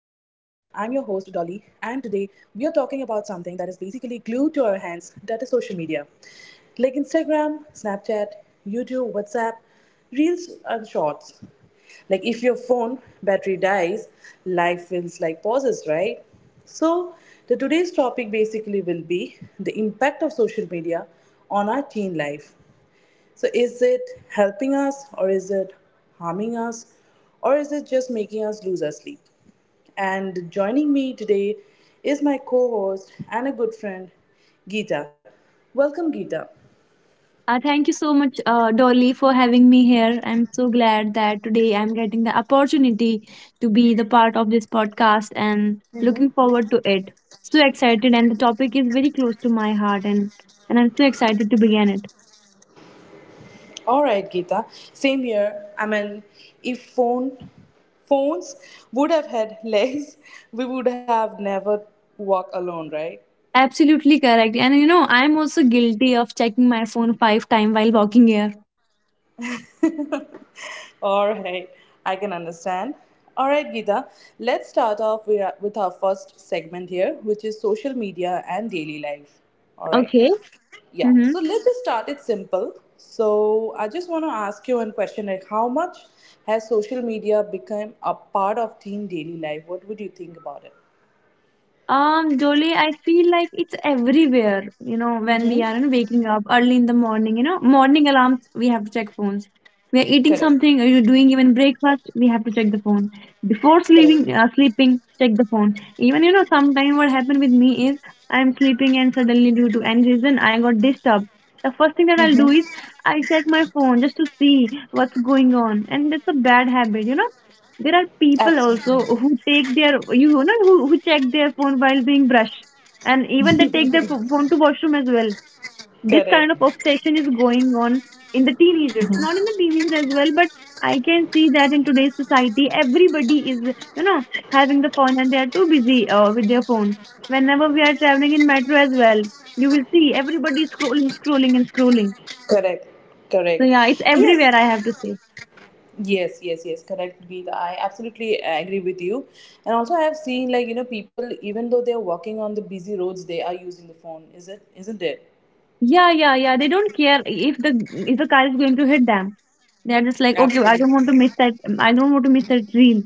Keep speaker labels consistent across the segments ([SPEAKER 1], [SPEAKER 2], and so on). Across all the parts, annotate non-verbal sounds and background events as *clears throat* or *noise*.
[SPEAKER 1] are talking about something that is basically glued to our hands that is social media. Like Instagram, Snapchat, YouTube, WhatsApp, Reels, and Shorts. Like if your phone battery dies, life feels like pauses, right? So, the today's topic basically will be the impact of social media on our teen life. So, is it helping us or is it harming us or is it just making us lose our sleep? And joining me today is my co host and a good friend, Geeta. Welcome, Geeta.
[SPEAKER 2] Thank you so much, Dolly, for having me here. I'm so glad that today I'm getting the opportunity to be the part of this podcast and looking forward to it. So excited, and the topic is very close to my heart, and I'm so excited to begin it.
[SPEAKER 1] All right, Geeta. Same here. I mean, if phones would have had *laughs* legs, we would have never walk alone, right?
[SPEAKER 2] Absolutely correct. And you know, I'm also guilty of checking my phone five times while walking here.
[SPEAKER 1] All right, I can understand. All right, Geeta, let's start off with our first segment here, which is social media and daily life. All right,
[SPEAKER 2] Okay.
[SPEAKER 1] yeah,
[SPEAKER 2] Mm-hmm.
[SPEAKER 1] so let's just start it simple. So, I just want to ask you one question like, how much has social media become a part of teen daily life? What would you think about it?
[SPEAKER 2] Dolly, I feel like it's everywhere, you know, when we are you know, waking up early in the morning, you know, morning alarms, we have to check phones. We are eating
[SPEAKER 1] Correct,
[SPEAKER 2] something, or you're doing even breakfast, we have to check the phone. Before sleeping, uh,
[SPEAKER 1] correct,
[SPEAKER 2] sleeping, check the phone. Even, you know, sometimes what happened with me is I'm sleeping and suddenly due to any reason I got disturbed. The first thing that I'll do is I check my phone just to see what's going on. And that's a bad habit, you know there are people
[SPEAKER 1] absolutely,
[SPEAKER 2] also who take their you know who check their phone while doing brush, and even they take their phone to washroom as well. This kind of
[SPEAKER 1] correct,
[SPEAKER 2] obsession is going on in the teenagers, not in the teenagers as well, but I can see that in today's society everybody is, you know, having the phone and they are too busy with their phone. Whenever we are traveling in metro as well, you will see everybody is scrolling, scrolling, and scrolling.
[SPEAKER 1] correct.
[SPEAKER 2] So
[SPEAKER 1] Correct.
[SPEAKER 2] yeah, it's everywhere,
[SPEAKER 1] Yes,
[SPEAKER 2] I have to say.
[SPEAKER 1] yes, yes, yes, correct. Deed. I absolutely agree with you. And also I have seen like, you know, people even though they're walking on the busy roads, they are using the phone. Is it Isn't it?
[SPEAKER 2] Yeah, yeah, yeah, they don't care if the, if the car is going to hit them. They are just like, okay, I
[SPEAKER 1] Absolutely.
[SPEAKER 2] don't want to miss that. I don't want to miss that reel.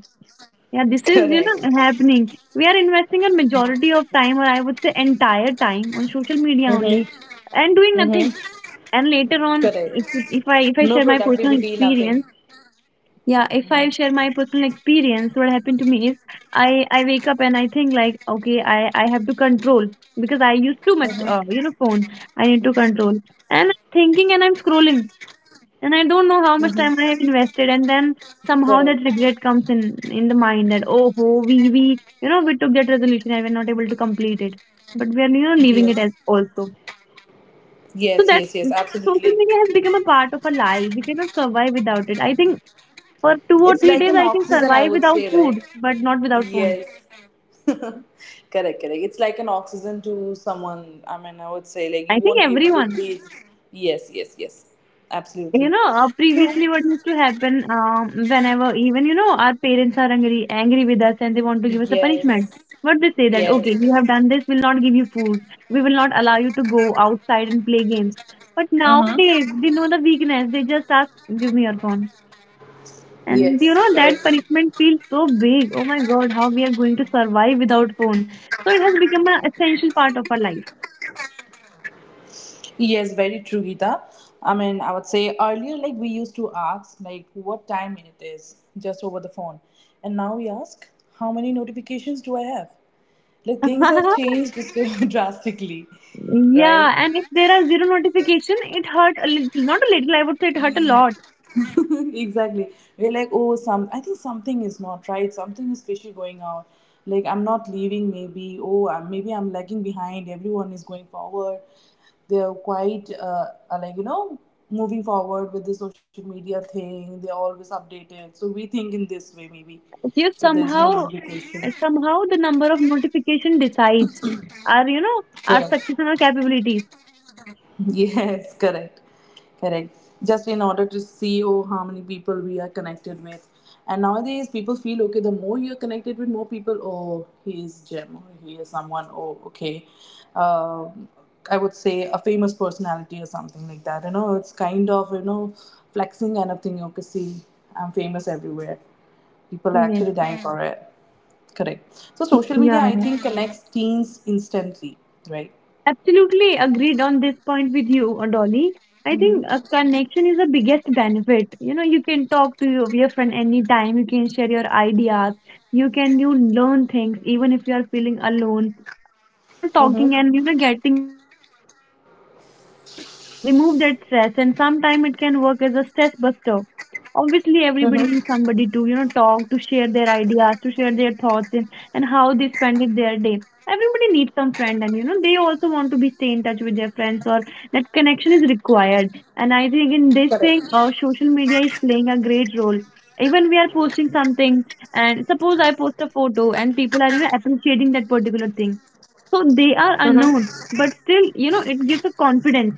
[SPEAKER 2] Yeah, this
[SPEAKER 1] *laughs*
[SPEAKER 2] is you
[SPEAKER 1] Correct.
[SPEAKER 2] know happening. We are investing a majority of time, or I would say entire time, on social media only, and doing nothing. And later on,
[SPEAKER 1] Correct.
[SPEAKER 2] if I
[SPEAKER 1] No
[SPEAKER 2] share my personal
[SPEAKER 1] productivity, nothing.
[SPEAKER 2] experience, yeah, if I share my personal experience, what happened to me is I wake up and I think like, okay, I have to control because I use too much, you know, phone. I need to control. And I'm thinking and I'm scrolling and I don't know how much time I have invested, and then somehow that
[SPEAKER 1] Correct.
[SPEAKER 2] regret comes in the mind that oh ho we you know we took that resolution and we're not able to complete it, but we are you know leaving
[SPEAKER 1] Yes.
[SPEAKER 2] it as also. So
[SPEAKER 1] Yes,
[SPEAKER 2] that
[SPEAKER 1] yes, yes,
[SPEAKER 2] social
[SPEAKER 1] absolutely.
[SPEAKER 2] media has become a part of our life. We cannot survive without it. I think for two or
[SPEAKER 1] It's
[SPEAKER 2] three
[SPEAKER 1] like
[SPEAKER 2] days
[SPEAKER 1] an
[SPEAKER 2] I can
[SPEAKER 1] oxygen I
[SPEAKER 2] survive
[SPEAKER 1] would
[SPEAKER 2] without
[SPEAKER 1] say,
[SPEAKER 2] food,
[SPEAKER 1] right?
[SPEAKER 2] but not without phone.
[SPEAKER 1] Yes. *laughs* Correct, correct. It's like an oxygen to someone. I mean, I would say like
[SPEAKER 2] I
[SPEAKER 1] you
[SPEAKER 2] think
[SPEAKER 1] won't be able to
[SPEAKER 2] everyone.
[SPEAKER 1] breathe. Yes, yes, yes.
[SPEAKER 2] You
[SPEAKER 1] Absolutely.
[SPEAKER 2] know, previously what used to happen, whenever even, you know, our parents are angry with us and they want to give us a punishment.
[SPEAKER 1] Yes.
[SPEAKER 2] What they say that, okay, you have
[SPEAKER 1] Yes.
[SPEAKER 2] done this, we'll not give you food. We will not allow you to go outside and play games. But nowadays,
[SPEAKER 1] Mm-hmm.
[SPEAKER 2] they know the weakness. They just ask, give me your phone. And you know,
[SPEAKER 1] Yes.
[SPEAKER 2] that
[SPEAKER 1] Correct.
[SPEAKER 2] punishment feels so big. Oh my God, how we are going to survive without phone. So it has become an essential part of our life.
[SPEAKER 1] Yes, very true, Gita. I mean, I would say earlier, like we used to ask, like what time it is, just over the phone, and now we ask, how many notifications do I have? Like things have changed
[SPEAKER 2] *laughs*
[SPEAKER 1] *laughs* so drastically, right?
[SPEAKER 2] Yeah, and if there are zero notification, it hurt a little, not a little, I would say it hurt a lot.
[SPEAKER 1] *laughs* Exactly. We're like, oh, some. I think something is not right. Something is fishy going out. Like I'm not leaving. Maybe. Oh, maybe I'm lagging behind. Everyone is going forward. They're quite like you know moving forward with the social media thing. They're always updated. So we think in this way maybe.
[SPEAKER 2] You
[SPEAKER 1] If there's no
[SPEAKER 2] somehow,
[SPEAKER 1] notification,
[SPEAKER 2] somehow the number of notification decides our, you know, our
[SPEAKER 1] correct.
[SPEAKER 2] success and our capabilities.
[SPEAKER 1] *laughs* Yes, correct. Correct. Just in order to see oh how many people we are connected with. And nowadays people feel okay, the more you're connected with more people, oh he is Jim or he is someone, oh okay. Um I would say a famous personality or something like that. You know, it's kind of, you know, flexing kind of thing. Okay, see, I'm famous everywhere. People are
[SPEAKER 2] Yes.
[SPEAKER 1] actually dying for it. Correct.
[SPEAKER 2] Yeah,
[SPEAKER 1] So social media
[SPEAKER 2] yeah.
[SPEAKER 1] I think connects teens instantly, right?
[SPEAKER 2] Absolutely agreed on this point with you, Dolly. I think a
[SPEAKER 1] Mm-hmm.
[SPEAKER 2] connection is the biggest benefit. You know, you can talk to your friend anytime, you can share your ideas, you can you learn things even if you are feeling alone. You know, talking and you know getting that connection that can, you know, remove that stress, and sometimes it can work as a stress buster. Obviously, everybody needs somebody to, you know, talk, to share their ideas, to share their thoughts, and how they spend it their day. Everybody needs some friend, and you know they also want to be stay in touch with their friends, or that connection is required, and I think in this thing
[SPEAKER 1] Correct.
[SPEAKER 2] social media is playing a great role. Even we are posting something, and suppose I post a photo and people are you know appreciating that particular thing, so they are unknown, but still you know it gives a confidence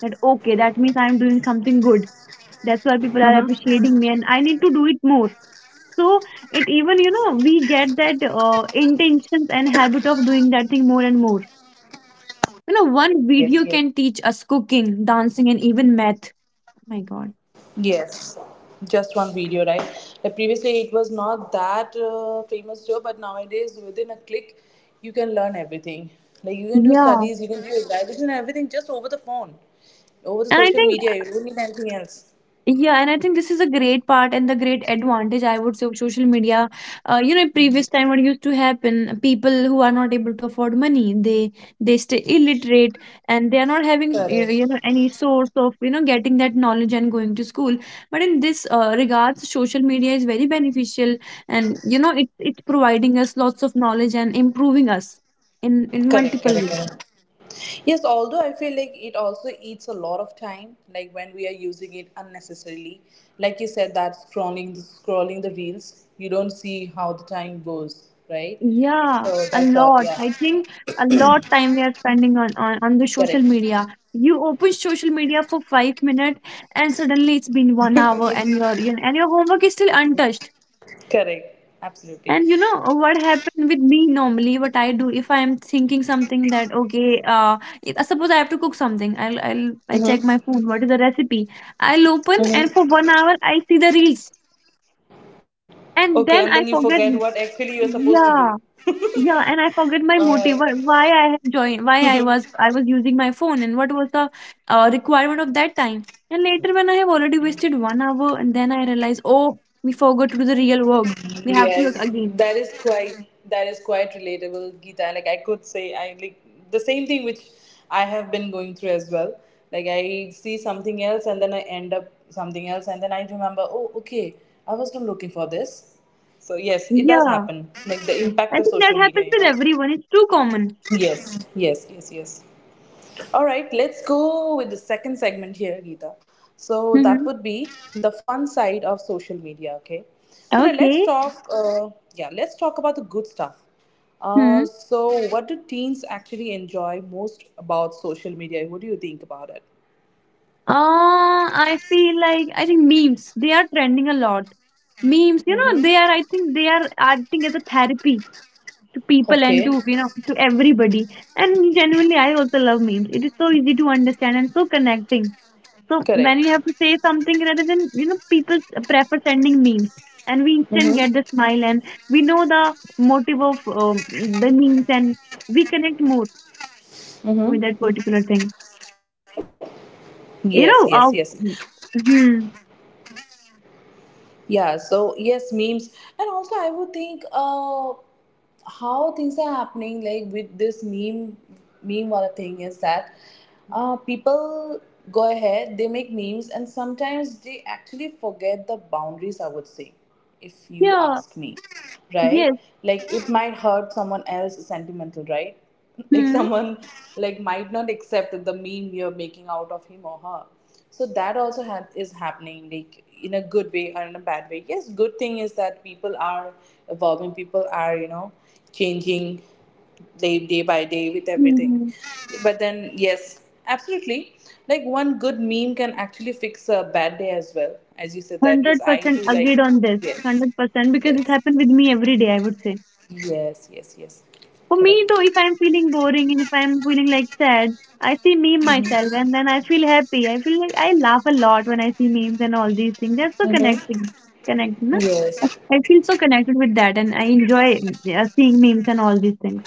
[SPEAKER 2] that okay that means I'm doing something good, that's why people are appreciating me and I need to do it more. So it even you know we get that intentions and habit of doing that thing more and more. You know, one
[SPEAKER 1] Yes, yes,
[SPEAKER 2] video can teach us cooking, dancing, and even math. Oh my God.
[SPEAKER 1] yes. Just one video, right? Like previously, it was not that famous job, but nowadays, within a click, you can learn everything. Like you can do
[SPEAKER 2] Yeah.
[SPEAKER 1] studies, you can do evaluation, everything just over the phone, over the
[SPEAKER 2] And I
[SPEAKER 1] social
[SPEAKER 2] think,
[SPEAKER 1] media. You don't need anything else.
[SPEAKER 2] yeah, and I think this is a great part and the great advantage I would say of social media. You know, previous time what used to happen, people who are not able to afford money, they stay illiterate, and they are not having you know,
[SPEAKER 1] Correct.
[SPEAKER 2] any source of you know getting that knowledge and going to school. But in this regards, social media is very beneficial, and you know it it's providing us lots of knowledge and improving us in
[SPEAKER 1] Correct.
[SPEAKER 2] multiple
[SPEAKER 1] Correct.
[SPEAKER 2] ways.
[SPEAKER 1] Correct. Yes, although I feel like it also eats a lot of time, like when we are using it unnecessarily. Like you said, that scrolling the reels, you don't see how the time goes, right?
[SPEAKER 2] Yeah,
[SPEAKER 1] So
[SPEAKER 2] a
[SPEAKER 1] that's
[SPEAKER 2] lot.
[SPEAKER 1] all.
[SPEAKER 2] I
[SPEAKER 1] Yeah,
[SPEAKER 2] think a lot time we are spending on the social
[SPEAKER 1] correct,
[SPEAKER 2] media. You open social media for 5 minutes and suddenly it's been 1 hour and your and your homework is still untouched.
[SPEAKER 1] correct,
[SPEAKER 2] And
[SPEAKER 1] absolutely.
[SPEAKER 2] you know what happened with me normally, what I do if I am thinking something that okay, if, suppose I have to cook something, I'll I check my phone, what is the recipe? I'll open and for 1 hour I see the reels
[SPEAKER 1] Okay,
[SPEAKER 2] and
[SPEAKER 1] and then
[SPEAKER 2] then
[SPEAKER 1] you
[SPEAKER 2] I
[SPEAKER 1] forget
[SPEAKER 2] forget.
[SPEAKER 1] what actually you're supposed to do.
[SPEAKER 2] Yeah. Yeah, and I forget
[SPEAKER 1] All
[SPEAKER 2] my
[SPEAKER 1] right.
[SPEAKER 2] motive why I had joined, why I was using my phone, and what was the requirement of that time. And later, when I have already wasted 1 hour, and then I realize, oh, we forgot to do the real work. We have to look
[SPEAKER 1] Yes,
[SPEAKER 2] again.
[SPEAKER 1] that is quite relatable, Geeta. Like I could say, I like the same thing which I have been going through as well. Like I see something else and then I end up something else, and then I remember, oh, okay, I was not looking for this. So yes, it does
[SPEAKER 2] Yeah,
[SPEAKER 1] happen. Like the impact
[SPEAKER 2] I
[SPEAKER 1] of
[SPEAKER 2] think that
[SPEAKER 1] social media,
[SPEAKER 2] happens
[SPEAKER 1] you
[SPEAKER 2] with
[SPEAKER 1] know.
[SPEAKER 2] everyone. It's too common.
[SPEAKER 1] Yes, yes, yes, yes. All right, let's go with the second segment here, Geeta. So that
[SPEAKER 2] Mm-hmm.
[SPEAKER 1] would be the fun side of social media. Okay, so now let's
[SPEAKER 2] Okay.
[SPEAKER 1] talk. Yeah, let's talk about the good stuff.
[SPEAKER 2] Hmm.
[SPEAKER 1] So what do teens actually enjoy most about social media? What do you think about it?
[SPEAKER 2] I feel like I think memes they are trending a lot. Memes, you know, they are, I think they are acting as a therapy to people and
[SPEAKER 1] Okay,
[SPEAKER 2] to you know to everybody, and genuinely I also love memes, it is so easy to understand and so connecting. So when we have to
[SPEAKER 1] correct.
[SPEAKER 2] say something, rather than you know people prefer sending memes, and we instant get the smile and we know the motive of the memes, and we connect more with that particular thing, you
[SPEAKER 1] Yes,
[SPEAKER 2] know.
[SPEAKER 1] yes, yes.
[SPEAKER 2] Hmm,
[SPEAKER 1] Yeah, so yes, memes. And also, I would think how things are happening, like with this meme wala thing is that people go ahead, they make memes, and sometimes they actually forget the boundaries, I would say, if you
[SPEAKER 2] yeah.
[SPEAKER 1] ask me, right?
[SPEAKER 2] Yes.
[SPEAKER 1] Like, it might hurt someone else sentimental, right? *laughs* Like,
[SPEAKER 2] Hmm,
[SPEAKER 1] someone like might not accept the meme you're making out of him or her, so that also is happening, like in a good way or in a bad way. Yes, good thing is that people are evolving, people are you know changing day by day with
[SPEAKER 2] hmm,
[SPEAKER 1] everything,
[SPEAKER 2] hmm.
[SPEAKER 1] but then yes, absolutely. Like one good meme can actually fix a bad day as well, as you said that yes, I
[SPEAKER 2] 100%
[SPEAKER 1] do
[SPEAKER 2] agreed
[SPEAKER 1] like.
[SPEAKER 2] on this,
[SPEAKER 1] Yes,
[SPEAKER 2] 100% because it
[SPEAKER 1] yes,
[SPEAKER 2] happened with me every day I would say.
[SPEAKER 1] yes, yes, yes,
[SPEAKER 2] For me though,
[SPEAKER 1] correct,
[SPEAKER 2] if I'm feeling boring and if I'm feeling like sad, I see meme myself and then I feel happy. I feel like I laugh a lot when I see memes and all these things. They're so connecting, connecting. Na? I
[SPEAKER 1] yes,
[SPEAKER 2] I feel so connected with that and I enjoy seeing memes and all these things,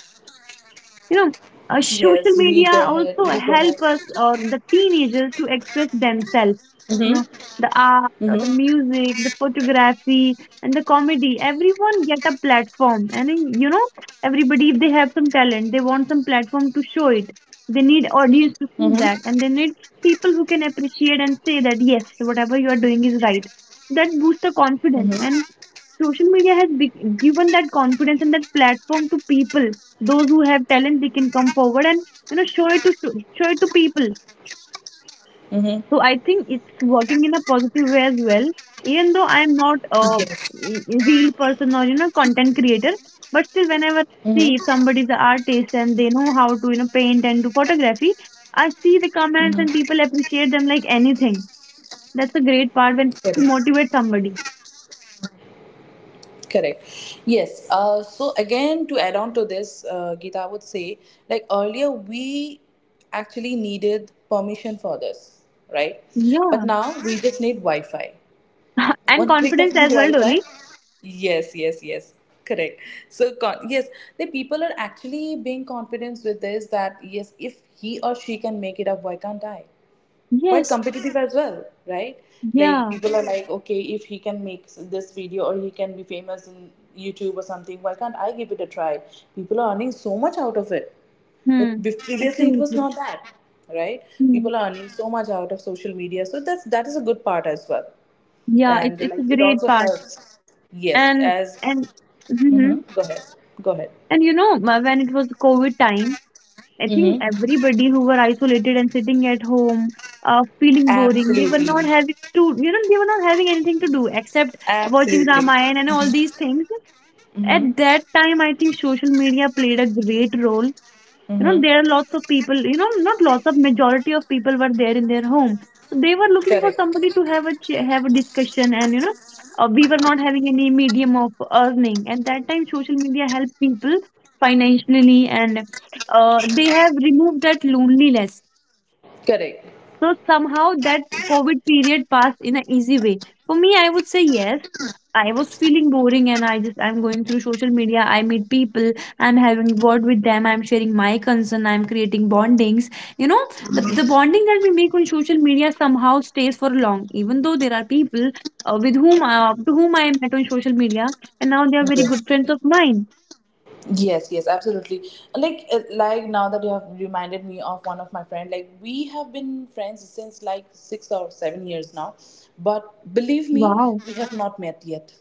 [SPEAKER 2] you know.
[SPEAKER 1] yes. We go
[SPEAKER 2] Social
[SPEAKER 1] ahead, we
[SPEAKER 2] media
[SPEAKER 1] go ahead.
[SPEAKER 2] also help us or the teenagers to express themselves, you know, the art or the music, the photography, and the comedy, everyone get a platform, and you know everybody if they have some talent they want some platform to show it, they need audience to see that and they need people who can appreciate and say that yes whatever you are doing is right. That boosts the confidence, and social media has given that confidence and that platform to people. Those who have talent they can come forward and you know show it to show it to people. So I think it's working in a positive way as well. Even though I am not a
[SPEAKER 1] Yes,
[SPEAKER 2] real person or you know content creator, but still whenever I see if somebody is an artist and they know how to you know paint and do photography, I see the comments and people appreciate them like anything. That's a great part when you
[SPEAKER 1] correct.
[SPEAKER 2] motivate somebody.
[SPEAKER 1] Correct. Yes. So again, to add on to this, Gita, I would say, like earlier, we actually needed permission for this, right? But
[SPEAKER 2] Yeah.
[SPEAKER 1] now we just need Wi-Fi.
[SPEAKER 2] *laughs* And
[SPEAKER 1] One click of *laughs*
[SPEAKER 2] confidence
[SPEAKER 1] the
[SPEAKER 2] as well,
[SPEAKER 1] Wi-Fi.
[SPEAKER 2] Dolly.
[SPEAKER 1] Yes. Yes. Yes. Correct. So yes, the people are actually being confident with this that yes, if he or she can make it up, why can't I? Quite
[SPEAKER 2] Yes.
[SPEAKER 1] competitive as well, right? Like
[SPEAKER 2] Yeah.
[SPEAKER 1] people are like, okay, if he can make this video or he can be famous in YouTube or something, why can't I give it a try? People are earning so much out of it. Like,
[SPEAKER 2] Hmm.
[SPEAKER 1] previously, it was
[SPEAKER 2] Absolutely.
[SPEAKER 1] not that, right?
[SPEAKER 2] Hmm.
[SPEAKER 1] People are earning so much out of social media, so that is a good part as well,
[SPEAKER 2] Yeah,
[SPEAKER 1] and
[SPEAKER 2] it's a
[SPEAKER 1] like it
[SPEAKER 2] great
[SPEAKER 1] also
[SPEAKER 2] part,
[SPEAKER 1] helps. Yes,
[SPEAKER 2] and
[SPEAKER 1] as
[SPEAKER 2] and hmm
[SPEAKER 1] hmm go ahead, go ahead.
[SPEAKER 2] and you know when it was COVID time, I think
[SPEAKER 1] Mm-hmm.
[SPEAKER 2] everybody who were isolated and sitting at home, feeling boring, they were
[SPEAKER 1] Absolutely,
[SPEAKER 2] not having to, you know, they were not having anything to do except watching
[SPEAKER 1] absolutely,
[SPEAKER 2] Ramayana and all these things. At that time, I think social media played a great role. You know, there are lots of people, you know, not lots of majority of people were there in their home, so they were looking for somebody
[SPEAKER 1] correct,
[SPEAKER 2] to have a discussion and we were not having any medium of earning. At that time social media helped people financially, and they have removed that loneliness.
[SPEAKER 1] correct.
[SPEAKER 2] So somehow that COVID period passed in an easy way for me, I would say. Yes, I was feeling boring and I just I'm going through social media. I meet people, I'm having word with them, I'm sharing my concern, I'm creating bondings. You know, the bonding that we make on social media somehow stays for long, even though there are people with whom to whom I met on social media, and now they are very
[SPEAKER 1] Yes.
[SPEAKER 2] good friends of mine.
[SPEAKER 1] Yes, yes, absolutely. Like now that you have reminded me of one of my friend, like we have been friends since like 6 or 7 years now, but believe me,
[SPEAKER 2] Wow.
[SPEAKER 1] we have not met yet.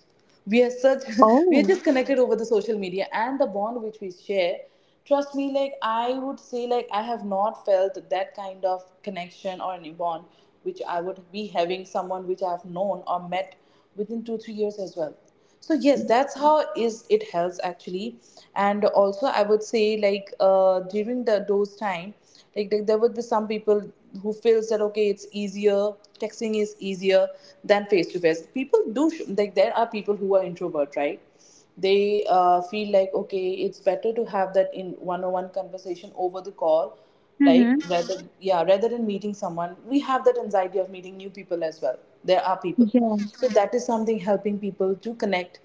[SPEAKER 1] We are such, *laughs* we are
[SPEAKER 2] Oh.
[SPEAKER 1] just connected over the social media and the bond which we share. Trust me, like I would say, like I have not felt that kind of connection or any bond which I would be having someone which I have known or met within 2-3 years as well. So yes, that's how is it helps actually. And also I would say like during the those time, like there would be some people who feels that okay it's easier, texting is easier than face to face. People do like there are people who are introvert, right? They feel like okay it's better to have that in one-on-one conversation over the call, like
[SPEAKER 2] Mm-hmm.
[SPEAKER 1] rather. Yeah, rather than meeting someone, we have that anxiety of meeting new people as well. There are people,
[SPEAKER 2] Yeah.
[SPEAKER 1] so that is something helping people to connect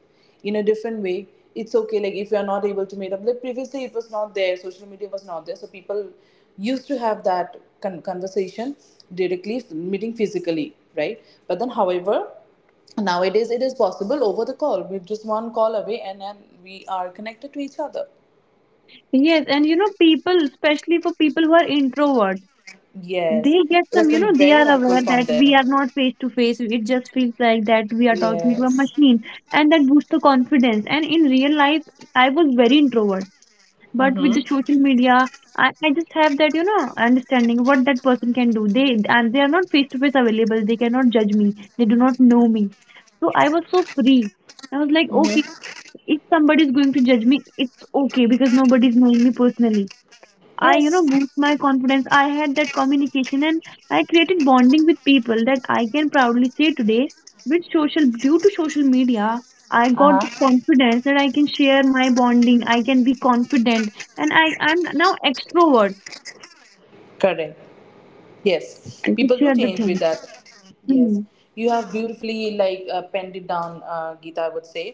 [SPEAKER 1] in a different way. It's okay, like if you are not able to meet up, like previously it was not there, social media was not there, so people used to have that conversation directly meeting physically, right? But then, however, nowadays it is possible over the call, with just one call away, and then we are connected to each other.
[SPEAKER 2] Yes, and you know, people, especially for people who are introvert,
[SPEAKER 1] Yes,
[SPEAKER 2] they get
[SPEAKER 1] it has
[SPEAKER 2] some, you know,
[SPEAKER 1] been
[SPEAKER 2] they
[SPEAKER 1] very
[SPEAKER 2] are
[SPEAKER 1] helpful
[SPEAKER 2] aware
[SPEAKER 1] from
[SPEAKER 2] that
[SPEAKER 1] them.
[SPEAKER 2] we are not face to face. It just feels like that we are talking to a
[SPEAKER 1] Yes.
[SPEAKER 2] machine, and that boosts the confidence. And in real life I was very introvert, but with the social media I just have that, you know, understanding what that person can do. They, and they are not face to face available, they cannot judge me, they do not know me. So I was so free. I was like, okay, if somebody is going to judge me, it's okay because nobody is knowing me personally. I, you
[SPEAKER 1] Yes.
[SPEAKER 2] know, boost my confidence. I had that communication, and I created bonding with people that I can proudly say today. With social, due to social media, I
[SPEAKER 1] Uh
[SPEAKER 2] got the
[SPEAKER 1] huh.
[SPEAKER 2] confidence that I can share my bonding. I can be confident, and I'm now extrovert
[SPEAKER 1] Correct. Yes. People
[SPEAKER 2] to
[SPEAKER 1] do
[SPEAKER 2] share
[SPEAKER 1] change
[SPEAKER 2] the
[SPEAKER 1] with that.
[SPEAKER 2] things.
[SPEAKER 1] Yes.
[SPEAKER 2] Hmm.
[SPEAKER 1] You have beautifully like penned it down, Geeta, I would say.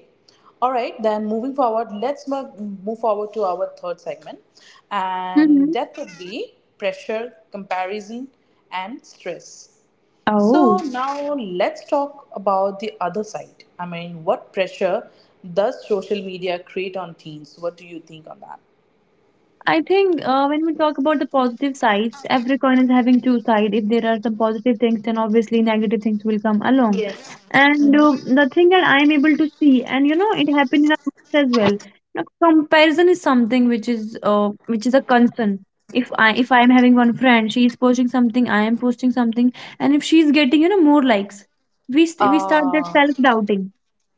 [SPEAKER 1] All right. Then moving forward, let's move forward to our third segment, and
[SPEAKER 2] hmm
[SPEAKER 1] that would be pressure, comparison, and stress. So
[SPEAKER 2] Oh.
[SPEAKER 1] now let's talk about the other side. I mean, what pressure does social media create on teens? What do you think on that?
[SPEAKER 2] I think when we talk about the positive sides, every coin is having two sides. If there are some positive things, then obviously negative things will come along.
[SPEAKER 1] Yes.
[SPEAKER 2] And the thing that I'm able to see, and you know, it happened in our books as well. Now, comparison is something which is a concern. If I'm having one friend, she is posting something, I am posting something, and if she is getting, you know, more likes, we start that
[SPEAKER 1] Ah,
[SPEAKER 2] self doubting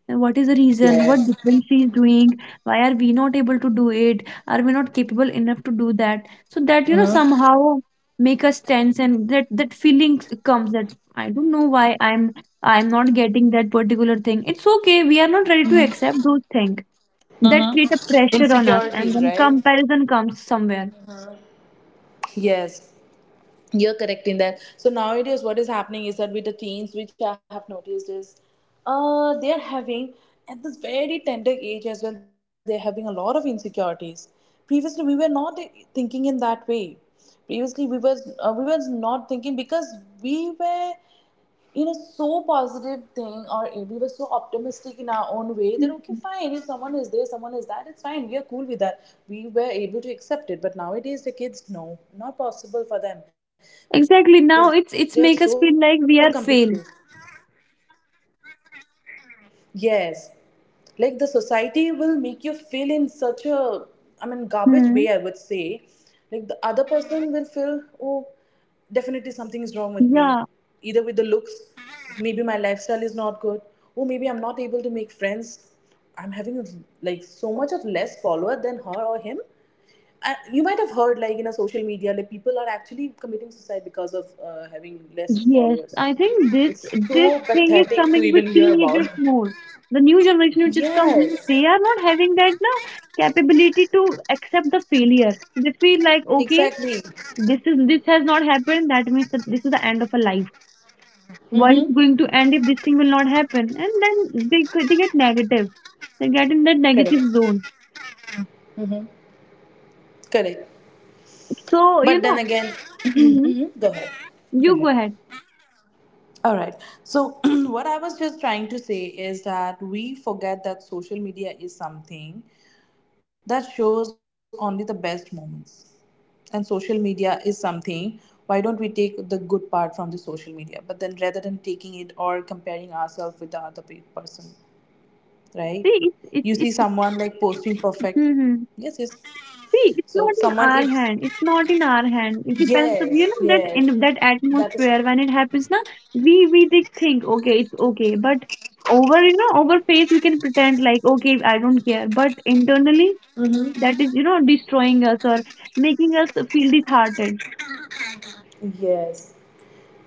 [SPEAKER 2] and what is the reason, what
[SPEAKER 1] yes.
[SPEAKER 2] difference she is doing, why are we not able to do it, are we not capable enough to do that. So that, you know, somehow make us tense, and that feeling comes that I don't know why I'm not getting that particular thing. It's okay, we are not ready to accept those things that create a
[SPEAKER 1] Mm-hmm.
[SPEAKER 2] pressure on us, and
[SPEAKER 1] Insecurities,
[SPEAKER 2] then
[SPEAKER 1] right?
[SPEAKER 2] comparison comes somewhere.
[SPEAKER 1] Yes, you're correct in that. So nowadays, what is happening is that with the teens, which I have noticed is, they are having at this very tender age as well. They're having a lot of insecurities. Previously, we were not thinking in that way. Previously, we was not thinking because we were so positive thing or we were so optimistic in our own way that okay,
[SPEAKER 2] Mhm.
[SPEAKER 1] fine, if someone is this, someone is that, it's fine, we are cool with that. We were able to accept it, but nowadays the kids, no, not possible for them because they are so
[SPEAKER 2] Exactly, now it's
[SPEAKER 1] competitive.
[SPEAKER 2] it's make us feel like we are fail.
[SPEAKER 1] Yes, like the society will make you feel in such a, I mean, garbage way, I would say. Like
[SPEAKER 2] hmm.
[SPEAKER 1] the other person will feel, oh, definitely something is wrong with me, either with the
[SPEAKER 2] Yeah.
[SPEAKER 1] looks, maybe my lifestyle is not good, or maybe I'm not able to make friends, I'm having like so much of less follower than her or him. You might have heard like in a social media like people are actually committing suicide because of having less
[SPEAKER 2] Yes,
[SPEAKER 1] followers.
[SPEAKER 2] I think
[SPEAKER 1] It's
[SPEAKER 2] this
[SPEAKER 1] so
[SPEAKER 2] this thing is
[SPEAKER 1] pathetic to even
[SPEAKER 2] coming with
[SPEAKER 1] hear about.
[SPEAKER 2] teenagers
[SPEAKER 1] *laughs*
[SPEAKER 2] more. The new generation which is
[SPEAKER 1] Yes,
[SPEAKER 2] coming, they are not having that na capability to accept the failure. They feel like, okay,
[SPEAKER 1] exactly.
[SPEAKER 2] this has not happened. That means that this is the end of a life. World
[SPEAKER 1] Mm-hmm.
[SPEAKER 2] is going to end if this thing will not happen, and then they get negative. They get in that negative
[SPEAKER 1] Correct.
[SPEAKER 2] zone.
[SPEAKER 1] Mm-hmm. Correct.
[SPEAKER 2] So you
[SPEAKER 1] But then
[SPEAKER 2] know,
[SPEAKER 1] again, *clears throat*
[SPEAKER 2] hmm
[SPEAKER 1] hmm, go ahead. Go
[SPEAKER 2] you go
[SPEAKER 1] ahead.
[SPEAKER 2] ahead.
[SPEAKER 1] All right. So, *clears throat* what I was just trying to say is that we forget that social media is something that shows only the best moments. And social media is something, why don't we take the good part from the social media? But then rather than taking it or comparing ourselves with the other person. Right?
[SPEAKER 2] See,
[SPEAKER 1] You
[SPEAKER 2] it's
[SPEAKER 1] see
[SPEAKER 2] it's.
[SPEAKER 1] someone like posting perfect.
[SPEAKER 2] Mm-hmm.
[SPEAKER 1] Yes, yes.
[SPEAKER 2] See, it's
[SPEAKER 1] So
[SPEAKER 2] not in
[SPEAKER 1] someone if,
[SPEAKER 2] our hand. It's not in our hand. It depends of, you
[SPEAKER 1] yes,
[SPEAKER 2] know, that
[SPEAKER 1] yes.
[SPEAKER 2] in that
[SPEAKER 1] That is-
[SPEAKER 2] atmosphere when it happens, na we did think okay, it's okay, but over, you know, over face we can pretend like okay, I don't care, but internally
[SPEAKER 1] mm-hmm.
[SPEAKER 2] that is, you know, destroying us or making us feel disheartened.
[SPEAKER 1] Yes.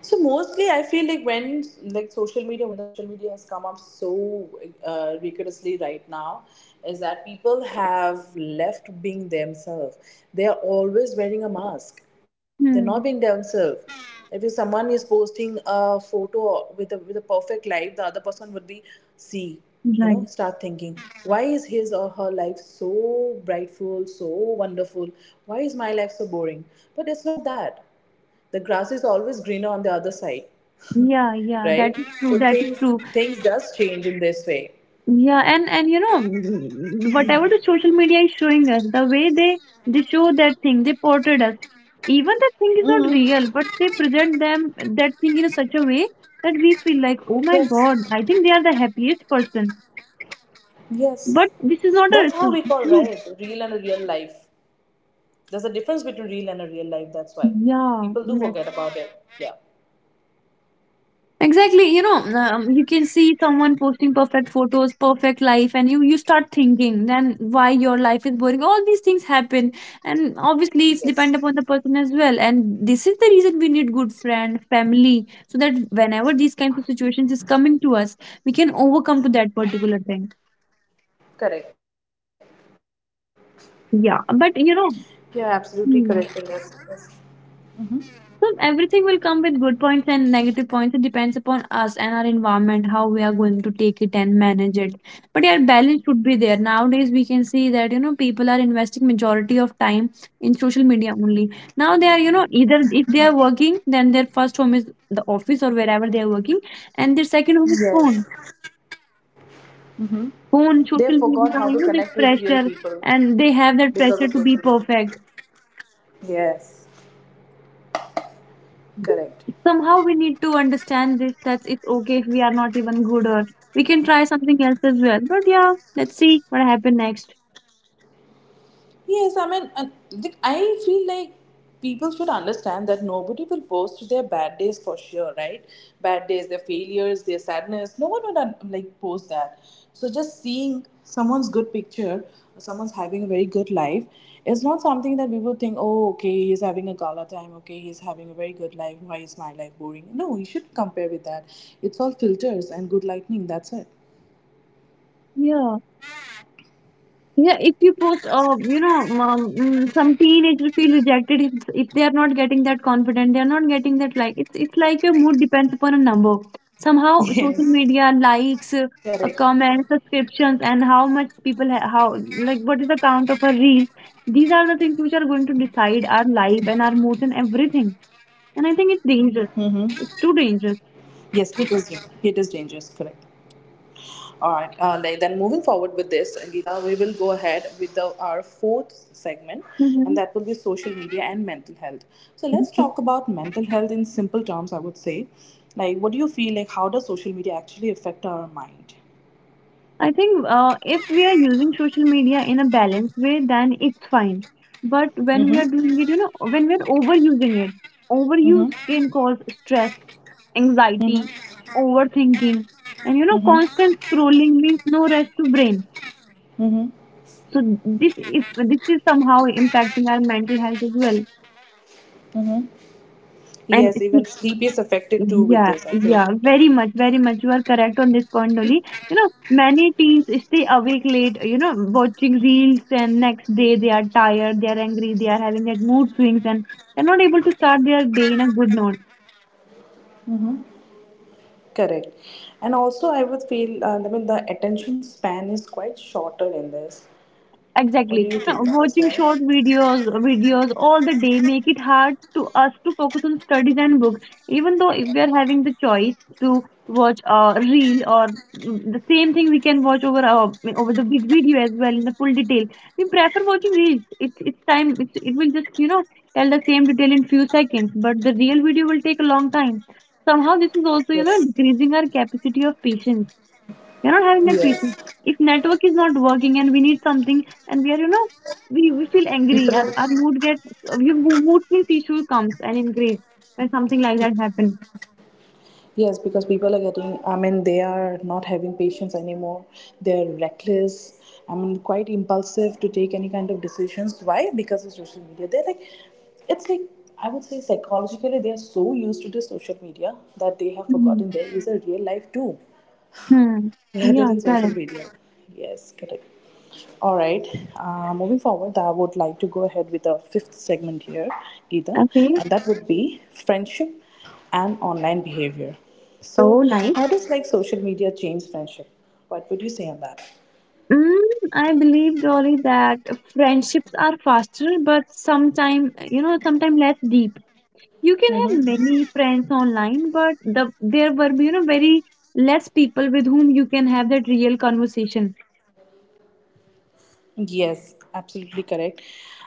[SPEAKER 1] So mostly, I feel like when like social media, when the social media has come up so rigorously right now, is that people have left being themselves. They are always wearing a mask. They're not
[SPEAKER 2] Hmm.
[SPEAKER 1] being themselves. If someone is posting a photo with a perfect life, the other person would be, see,
[SPEAKER 2] Right.
[SPEAKER 1] start thinking, why is his or her life so brightful, so wonderful? Why is my life so boring? But it's not that the grass is always greener on the other side. *laughs*
[SPEAKER 2] Yeah, yeah, that
[SPEAKER 1] Right,
[SPEAKER 2] is true.
[SPEAKER 1] so
[SPEAKER 2] That is
[SPEAKER 1] things,
[SPEAKER 2] true.
[SPEAKER 1] things does change in this way.
[SPEAKER 2] Yeah, and you know whatever the social media is showing us, the way they show that thing, they portray us. Even that thing is not
[SPEAKER 1] Hmm,
[SPEAKER 2] real, but they present them that thing in such a way that we feel like, oh my God,
[SPEAKER 1] yes,
[SPEAKER 2] I think they are the happiest person.
[SPEAKER 1] yes.
[SPEAKER 2] But this is not
[SPEAKER 1] That's
[SPEAKER 2] a
[SPEAKER 1] how we call,
[SPEAKER 2] truth.
[SPEAKER 1] right, real and real life. There's a difference between real and a real life, that's why
[SPEAKER 2] Yeah,
[SPEAKER 1] people do
[SPEAKER 2] yes.
[SPEAKER 1] forget about it. Yeah,
[SPEAKER 2] Exactly, you know, you can see someone posting perfect photos, perfect life, and you start thinking then why your life is boring. All these things happen, and obviously it's depend
[SPEAKER 1] yes,
[SPEAKER 2] upon the person as well. And this is the reason we need good friend, family, so that whenever these kinds of situations is coming to us, we can overcome to that particular thing.
[SPEAKER 1] correct.
[SPEAKER 2] Yeah,
[SPEAKER 1] You're
[SPEAKER 2] but you
[SPEAKER 1] absolutely
[SPEAKER 2] know,
[SPEAKER 1] correct in this. Yes,
[SPEAKER 2] hmm. So everything will come with good points and negative points. It depends upon us and our environment, how we are going to take it and manage it. But yeah, balance should be there. Nowadays, we can see that, you know, people are investing majority of time in social media only. Now they are, you know, either if they are working, then their first home is the office or wherever they are working, and their second home is
[SPEAKER 1] yes,
[SPEAKER 2] phone,
[SPEAKER 1] hmm. They
[SPEAKER 2] social media.
[SPEAKER 1] forgot how
[SPEAKER 2] You
[SPEAKER 1] to
[SPEAKER 2] know, this
[SPEAKER 1] connect with real
[SPEAKER 2] pressure,
[SPEAKER 1] people
[SPEAKER 2] and they have that
[SPEAKER 1] because
[SPEAKER 2] pressure
[SPEAKER 1] of
[SPEAKER 2] to be
[SPEAKER 1] social media.
[SPEAKER 2] perfect.
[SPEAKER 1] Yes, correct.
[SPEAKER 2] Somehow we need to understand this, that it's okay if we are not even good, or we can try something else as well. But yeah, let's see what happens next.
[SPEAKER 1] Yes, I mean, and, like, I feel like people should understand that nobody will post their bad days for sure, right? Bad days, their failures, their sadness. No one would like post that. So just seeing someone's good picture, someone's having a very good life, is not something that people think, oh, okay, he's having a gala time. Okay, he's having a very good life. Why is my life boring? No, you should compare with that. It's all filters and good lightning. That's it.
[SPEAKER 2] Yeah, yeah, if you post some teenager feel rejected if they are not getting that confident, they are not getting that like. It's like your mood depends upon a number.
[SPEAKER 1] *laughs*
[SPEAKER 2] Somehow social
[SPEAKER 1] Yes,
[SPEAKER 2] media
[SPEAKER 1] correct.
[SPEAKER 2] likes, comments, subscriptions, and how much people ha- how like, what is the count of a reels, these are the things which are going to decide our life and our moods and everything. And I think it's
[SPEAKER 1] Mm-hmm.
[SPEAKER 2] dangerous. It's too dangerous.
[SPEAKER 1] Yes, it is. It is dangerous. Correct. All right. Then moving forward with this, Geeta, we will go ahead with the, our fourth segment, and that will be
[SPEAKER 2] Mm-hmm.
[SPEAKER 1] social media and mental health. So let's talk
[SPEAKER 2] Okay.
[SPEAKER 1] about mental health in simple terms. I would say, like, what do you feel like? How does social media actually affect our mind?
[SPEAKER 2] I think if we are using social media in a balanced way, then it's fine. But when we are
[SPEAKER 1] Mm-hmm.
[SPEAKER 2] doing it, you know, when we're overusing it, overuse
[SPEAKER 1] Mm-hmm.
[SPEAKER 2] can cause stress, anxiety, overthinking, and you know, constant scrolling means no rest to brain.
[SPEAKER 1] Mm-hmm.
[SPEAKER 2] So this is somehow impacting our mental health as well. And
[SPEAKER 1] Yes, even sleep is affected too with
[SPEAKER 2] yeah,
[SPEAKER 1] this, I feel.
[SPEAKER 2] yeah, very much, very much. You are correct on this point, Dolly. You know, many teens stay awake late, you know, watching reels, and next day they are tired, they are angry, they are having that mood swings, and they're not able to start their day in a good note.
[SPEAKER 1] Correct, and also I would feel. I mean, the attention span is quite shorter in this. What do
[SPEAKER 2] Exactly.
[SPEAKER 1] you
[SPEAKER 2] Now,
[SPEAKER 1] think on this,
[SPEAKER 2] watching
[SPEAKER 1] right?
[SPEAKER 2] short videos, all the day make it hard to us to focus on studies and books. Even though if we are having the choice to watch a reel or the same thing we can watch over over the big video as well in the full detail, we prefer watching reels. It's time. It's, it will just, you know, tell the same detail in few seconds, but the real video will take a long time. Somehow, this is also, you know,
[SPEAKER 1] Yes.
[SPEAKER 2] increasing our capacity of patience. We're not having that patience.
[SPEAKER 1] Yes.
[SPEAKER 2] If network is not working and we need something, and we are, you know, we feel angry,
[SPEAKER 1] People
[SPEAKER 2] our,
[SPEAKER 1] are,
[SPEAKER 2] our mood gets, mood means issue comes and increase when something like that happens.
[SPEAKER 1] yes, because people are getting, I mean, they are not having patience anymore. They're reckless. I mean, quite impulsive to take any kind of decisions. Why? Because of social media. They're like, it's like, I would say psychologically, they are so used to the social media that they have
[SPEAKER 2] hmm
[SPEAKER 1] forgotten there is a real life too
[SPEAKER 2] Hmm.
[SPEAKER 1] rather
[SPEAKER 2] Yeah,
[SPEAKER 1] than social
[SPEAKER 2] correct.
[SPEAKER 1] media. Yes, correct. All right. Moving forward, I would like to go ahead with the fifth segment here, Geeta,
[SPEAKER 2] Okay.
[SPEAKER 1] and that would be friendship and online behavior. So,
[SPEAKER 2] Oh, nice.
[SPEAKER 1] how does like social media change friendship? What would you say on that?
[SPEAKER 2] Mm, I believe, Dolly, that friendships are faster, but sometime, you know, sometime less deep. You can have many friends online, but the there were, you know, very less people with whom you can have that real conversation.
[SPEAKER 1] Yes, absolutely correct.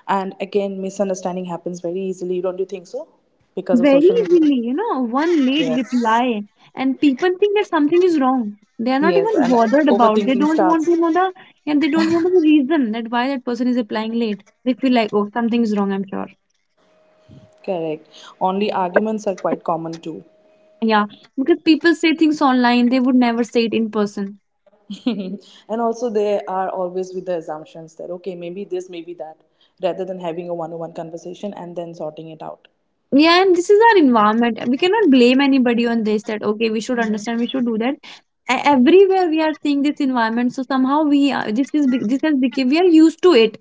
[SPEAKER 1] And again, misunderstanding happens very easily. Don't you think so? Because of
[SPEAKER 2] Very
[SPEAKER 1] social media.
[SPEAKER 2] easily, you know, one late
[SPEAKER 1] Yes.
[SPEAKER 2] reply, and people think that something is wrong. They are not
[SPEAKER 1] Yes,
[SPEAKER 2] even
[SPEAKER 1] and
[SPEAKER 2] bothered about. They
[SPEAKER 1] overthinking
[SPEAKER 2] don't want
[SPEAKER 1] starts.
[SPEAKER 2] to know the and they don't want to know the reason that why that person is replying late. They feel like, oh, something is wrong, I'm sure.
[SPEAKER 1] Correct. Only arguments are quite common too.
[SPEAKER 2] Yeah, because people say things online, they would never say it in person.
[SPEAKER 1] *laughs* Mhm. And also they are always with the assumptions that okay, maybe this, maybe that, rather than having a one-on-one conversation and then sorting it out.
[SPEAKER 2] Yeah, and this is our environment. We cannot blame anybody on this, that okay, we should understand, we should do that. E- Everywhere we are seeing this environment, so somehow we are, this has become, we are used to it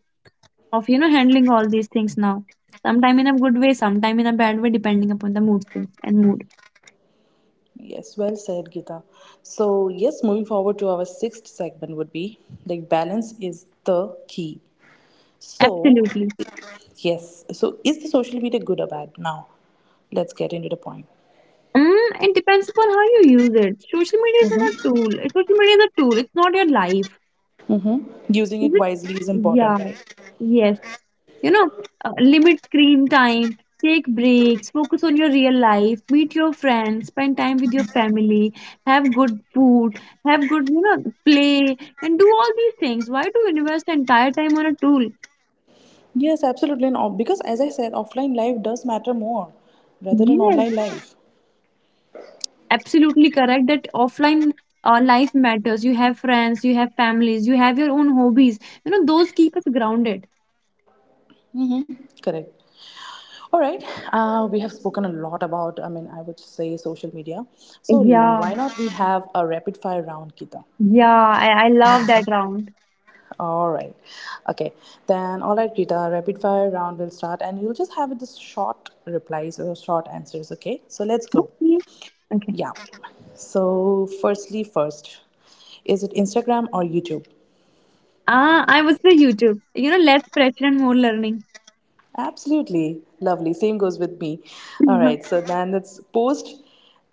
[SPEAKER 2] of, you know, handling all these things now, sometime in a good way, sometime in a bad way, depending upon the mood swings and mood.
[SPEAKER 1] Yes, well said, Gita. So, yes, moving forward to our sixth segment would be like, balance is the key. So,
[SPEAKER 2] Absolutely.
[SPEAKER 1] yes, so is the social media good or bad now? Let's get into the point.
[SPEAKER 2] Mm, it depends upon how you use it. Social media is a tool, it's not your life.
[SPEAKER 1] Using
[SPEAKER 2] Is
[SPEAKER 1] it
[SPEAKER 2] it?
[SPEAKER 1] wisely is important,
[SPEAKER 2] Yeah.
[SPEAKER 1] right?
[SPEAKER 2] Yes, you know, limit screen time, take breaks, focus on your real life, meet your friends, spend time with your family, have good food, have good, you know, play, and do all these things. Why do you invest entire time on a tool?
[SPEAKER 1] Yes, absolutely, and because as I said offline life does matter more rather than
[SPEAKER 2] Yes,
[SPEAKER 1] online life.
[SPEAKER 2] absolutely correct that offline life matters. You have friends, you have families, you have your own hobbies. You know, those keep us grounded.
[SPEAKER 1] Correct. All right, we have spoken a lot about, I mean, I would say social media. So
[SPEAKER 2] Yeah,
[SPEAKER 1] why not we have a rapid fire round, Kita?
[SPEAKER 2] yeah, I love that round.
[SPEAKER 1] All right, okay. Then, all right, Kita, rapid fire round will start and you'll just have this short replies or short answers, okay? So let's go.
[SPEAKER 2] Yeah. Okay.
[SPEAKER 1] Yeah. So, firstly, first, is it Instagram or YouTube?
[SPEAKER 2] Ah, I was the YouTube, you know, less pressure and more learning.
[SPEAKER 1] Absolutely. Lovely. Same goes with me. All
[SPEAKER 2] Mhm.
[SPEAKER 1] right, so then it's post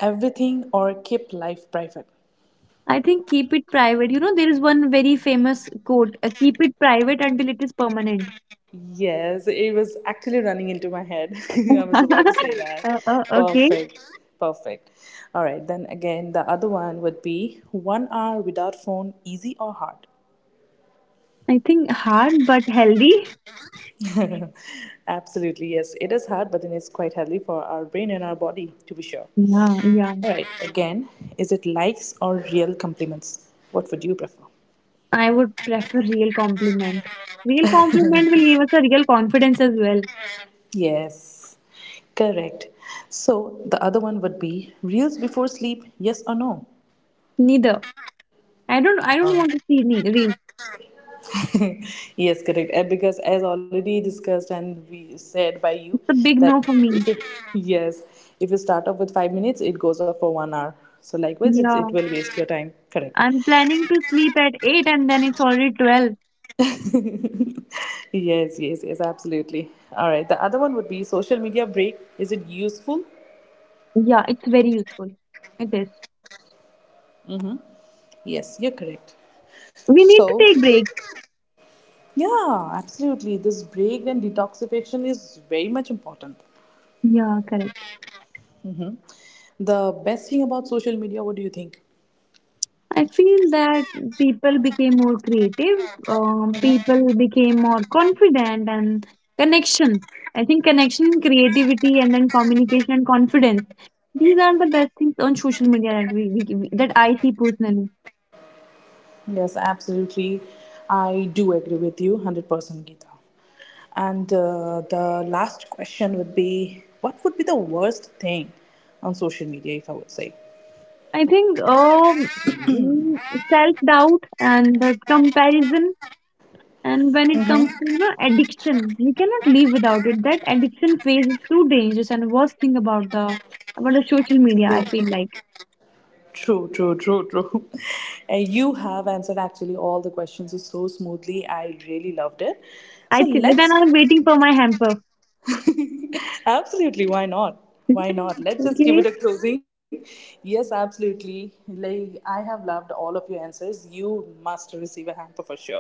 [SPEAKER 1] everything or keep life private.
[SPEAKER 2] I think keep it private. You know, there is one very famous quote, keep it private until it is permanent.
[SPEAKER 1] Yes, it was actually running into my head. *laughs* I was
[SPEAKER 2] *laughs*
[SPEAKER 1] about to say that.
[SPEAKER 2] Okay.
[SPEAKER 1] Perfect. Perfect. All right, then again, the other one would be 1 hour without phone, easy or hard?
[SPEAKER 2] I think hard but healthy.
[SPEAKER 1] *laughs* Absolutely, yes. It is hard, but then it's quite healthy for our brain and our body, to be sure.
[SPEAKER 2] Yeah,
[SPEAKER 1] All
[SPEAKER 2] yeah.
[SPEAKER 1] right, again, is it likes or real compliments? What would you prefer?
[SPEAKER 2] I would prefer real compliment. Real compliment will give us a real confidence as well.
[SPEAKER 1] Yes, correct. So the other one would be reels before sleep, yes or no?
[SPEAKER 2] Neither. I don't want to see me real.
[SPEAKER 1] *laughs* Yes, correct. Because as already discussed and we said by you
[SPEAKER 2] It's a big
[SPEAKER 1] that
[SPEAKER 2] no for
[SPEAKER 1] if
[SPEAKER 2] me.
[SPEAKER 1] it *laughs* yes, if you start off with 5 minutes, it goes off for 1 hour. So likewise, it's, it
[SPEAKER 2] Yeah.
[SPEAKER 1] will waste your time. Correct.
[SPEAKER 2] I'm planning to sleep at 8 and then it's already 12.
[SPEAKER 1] *laughs* Yes, yes, yes, absolutely. All right. The other one would be social media break. Is it useful?
[SPEAKER 2] Yeah, it's very useful. It is.
[SPEAKER 1] Yes, you're correct.
[SPEAKER 2] We need to
[SPEAKER 1] So,
[SPEAKER 2] take breaks.
[SPEAKER 1] yeah, absolutely. This break and detoxification is very much important.
[SPEAKER 2] Yeah, correct.
[SPEAKER 1] The best thing about social media, what do you think?
[SPEAKER 2] I feel that people became more creative, people became more confident, and connection. I think connection, creativity, and then communication and confidence. These are the best things on social media that that I see personally.
[SPEAKER 1] Yes, absolutely. I do agree with you 100%, Geeta. And the last question would be what would be the worst thing on social media, if I would say?
[SPEAKER 2] I think self doubt and the comparison, and when it comes to the addiction, we cannot live without it. That addiction phase is too dangerous and worst thing about the social media. I
[SPEAKER 1] True,
[SPEAKER 2] feel like.
[SPEAKER 1] true, true, true, true. *laughs* And you have answered actually all the questions so smoothly. I really loved it. So
[SPEAKER 2] I think then
[SPEAKER 1] let's,
[SPEAKER 2] I'm waiting for my hamper.
[SPEAKER 1] absolutely, why not? Why not?
[SPEAKER 2] *laughs*
[SPEAKER 1] Let's just give
[SPEAKER 2] Okay.
[SPEAKER 1] it a closing. Yes, absolutely. Like I have loved all of your answers. You must receive a hamper for sure.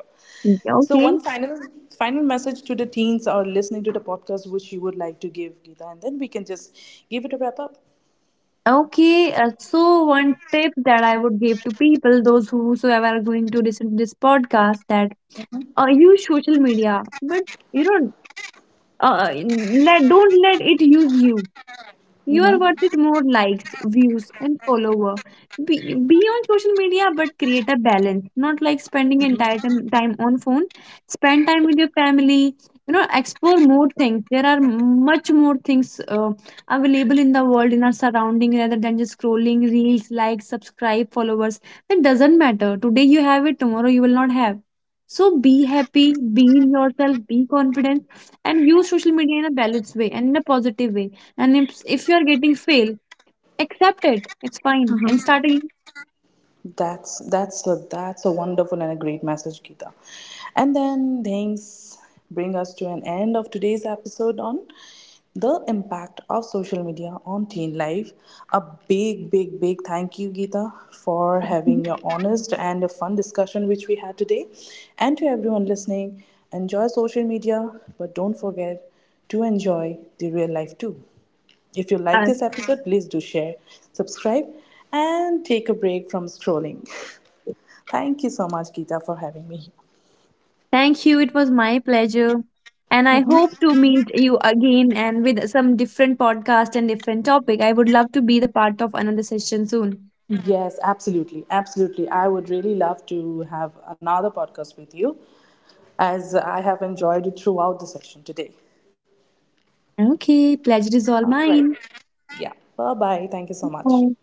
[SPEAKER 1] So one
[SPEAKER 2] Okay.
[SPEAKER 1] final message to the teens or listening to the podcast which you would like to give, Gita, and then we can just give it a wrap up.
[SPEAKER 2] Okay. So one tip that I would give to people, those whosoever are going to listen to this podcast, that use social media, but you know, let don't let it use you. You are worth it more likes, views, and follower. Be, be on social media, but create a balance. Not like spending entire time, on phone. Spend time with your family. You know, explore more things. There are much more things available in the world in our surrounding, rather than just scrolling reels, likes, subscribe, followers. That doesn't matter. Today you have it, tomorrow you will not have. So be happy, be in yourself, be confident, and use social media in a balanced way and in a positive way. And if you're getting fail, accept it. It's fine. And start again.
[SPEAKER 1] That's, that's a wonderful and a great message, Geeta. And then things bring us to an end of today's episode on the impact of social media on teen life. A Big, big, big thank you, Geeta, for having your honest and a fun discussion which we had today. And to everyone listening, enjoy social media, but don't forget to enjoy the real life too. If you like
[SPEAKER 2] Uh,
[SPEAKER 1] this episode, please do share, subscribe, and take a break from scrolling. *laughs* Thank you so much, Geeta, for having me here.
[SPEAKER 2] thank you. It was my pleasure. And I hope to meet you again and with some different podcast and different topic. I would love to be the part of another session soon.
[SPEAKER 1] Yes, absolutely. Absolutely. I would really love to have another podcast with you as I have enjoyed it throughout the session today.
[SPEAKER 2] Okay, pleasure is all mine.
[SPEAKER 1] Yeah. Bye bye. Thank you so much.
[SPEAKER 2] Bye.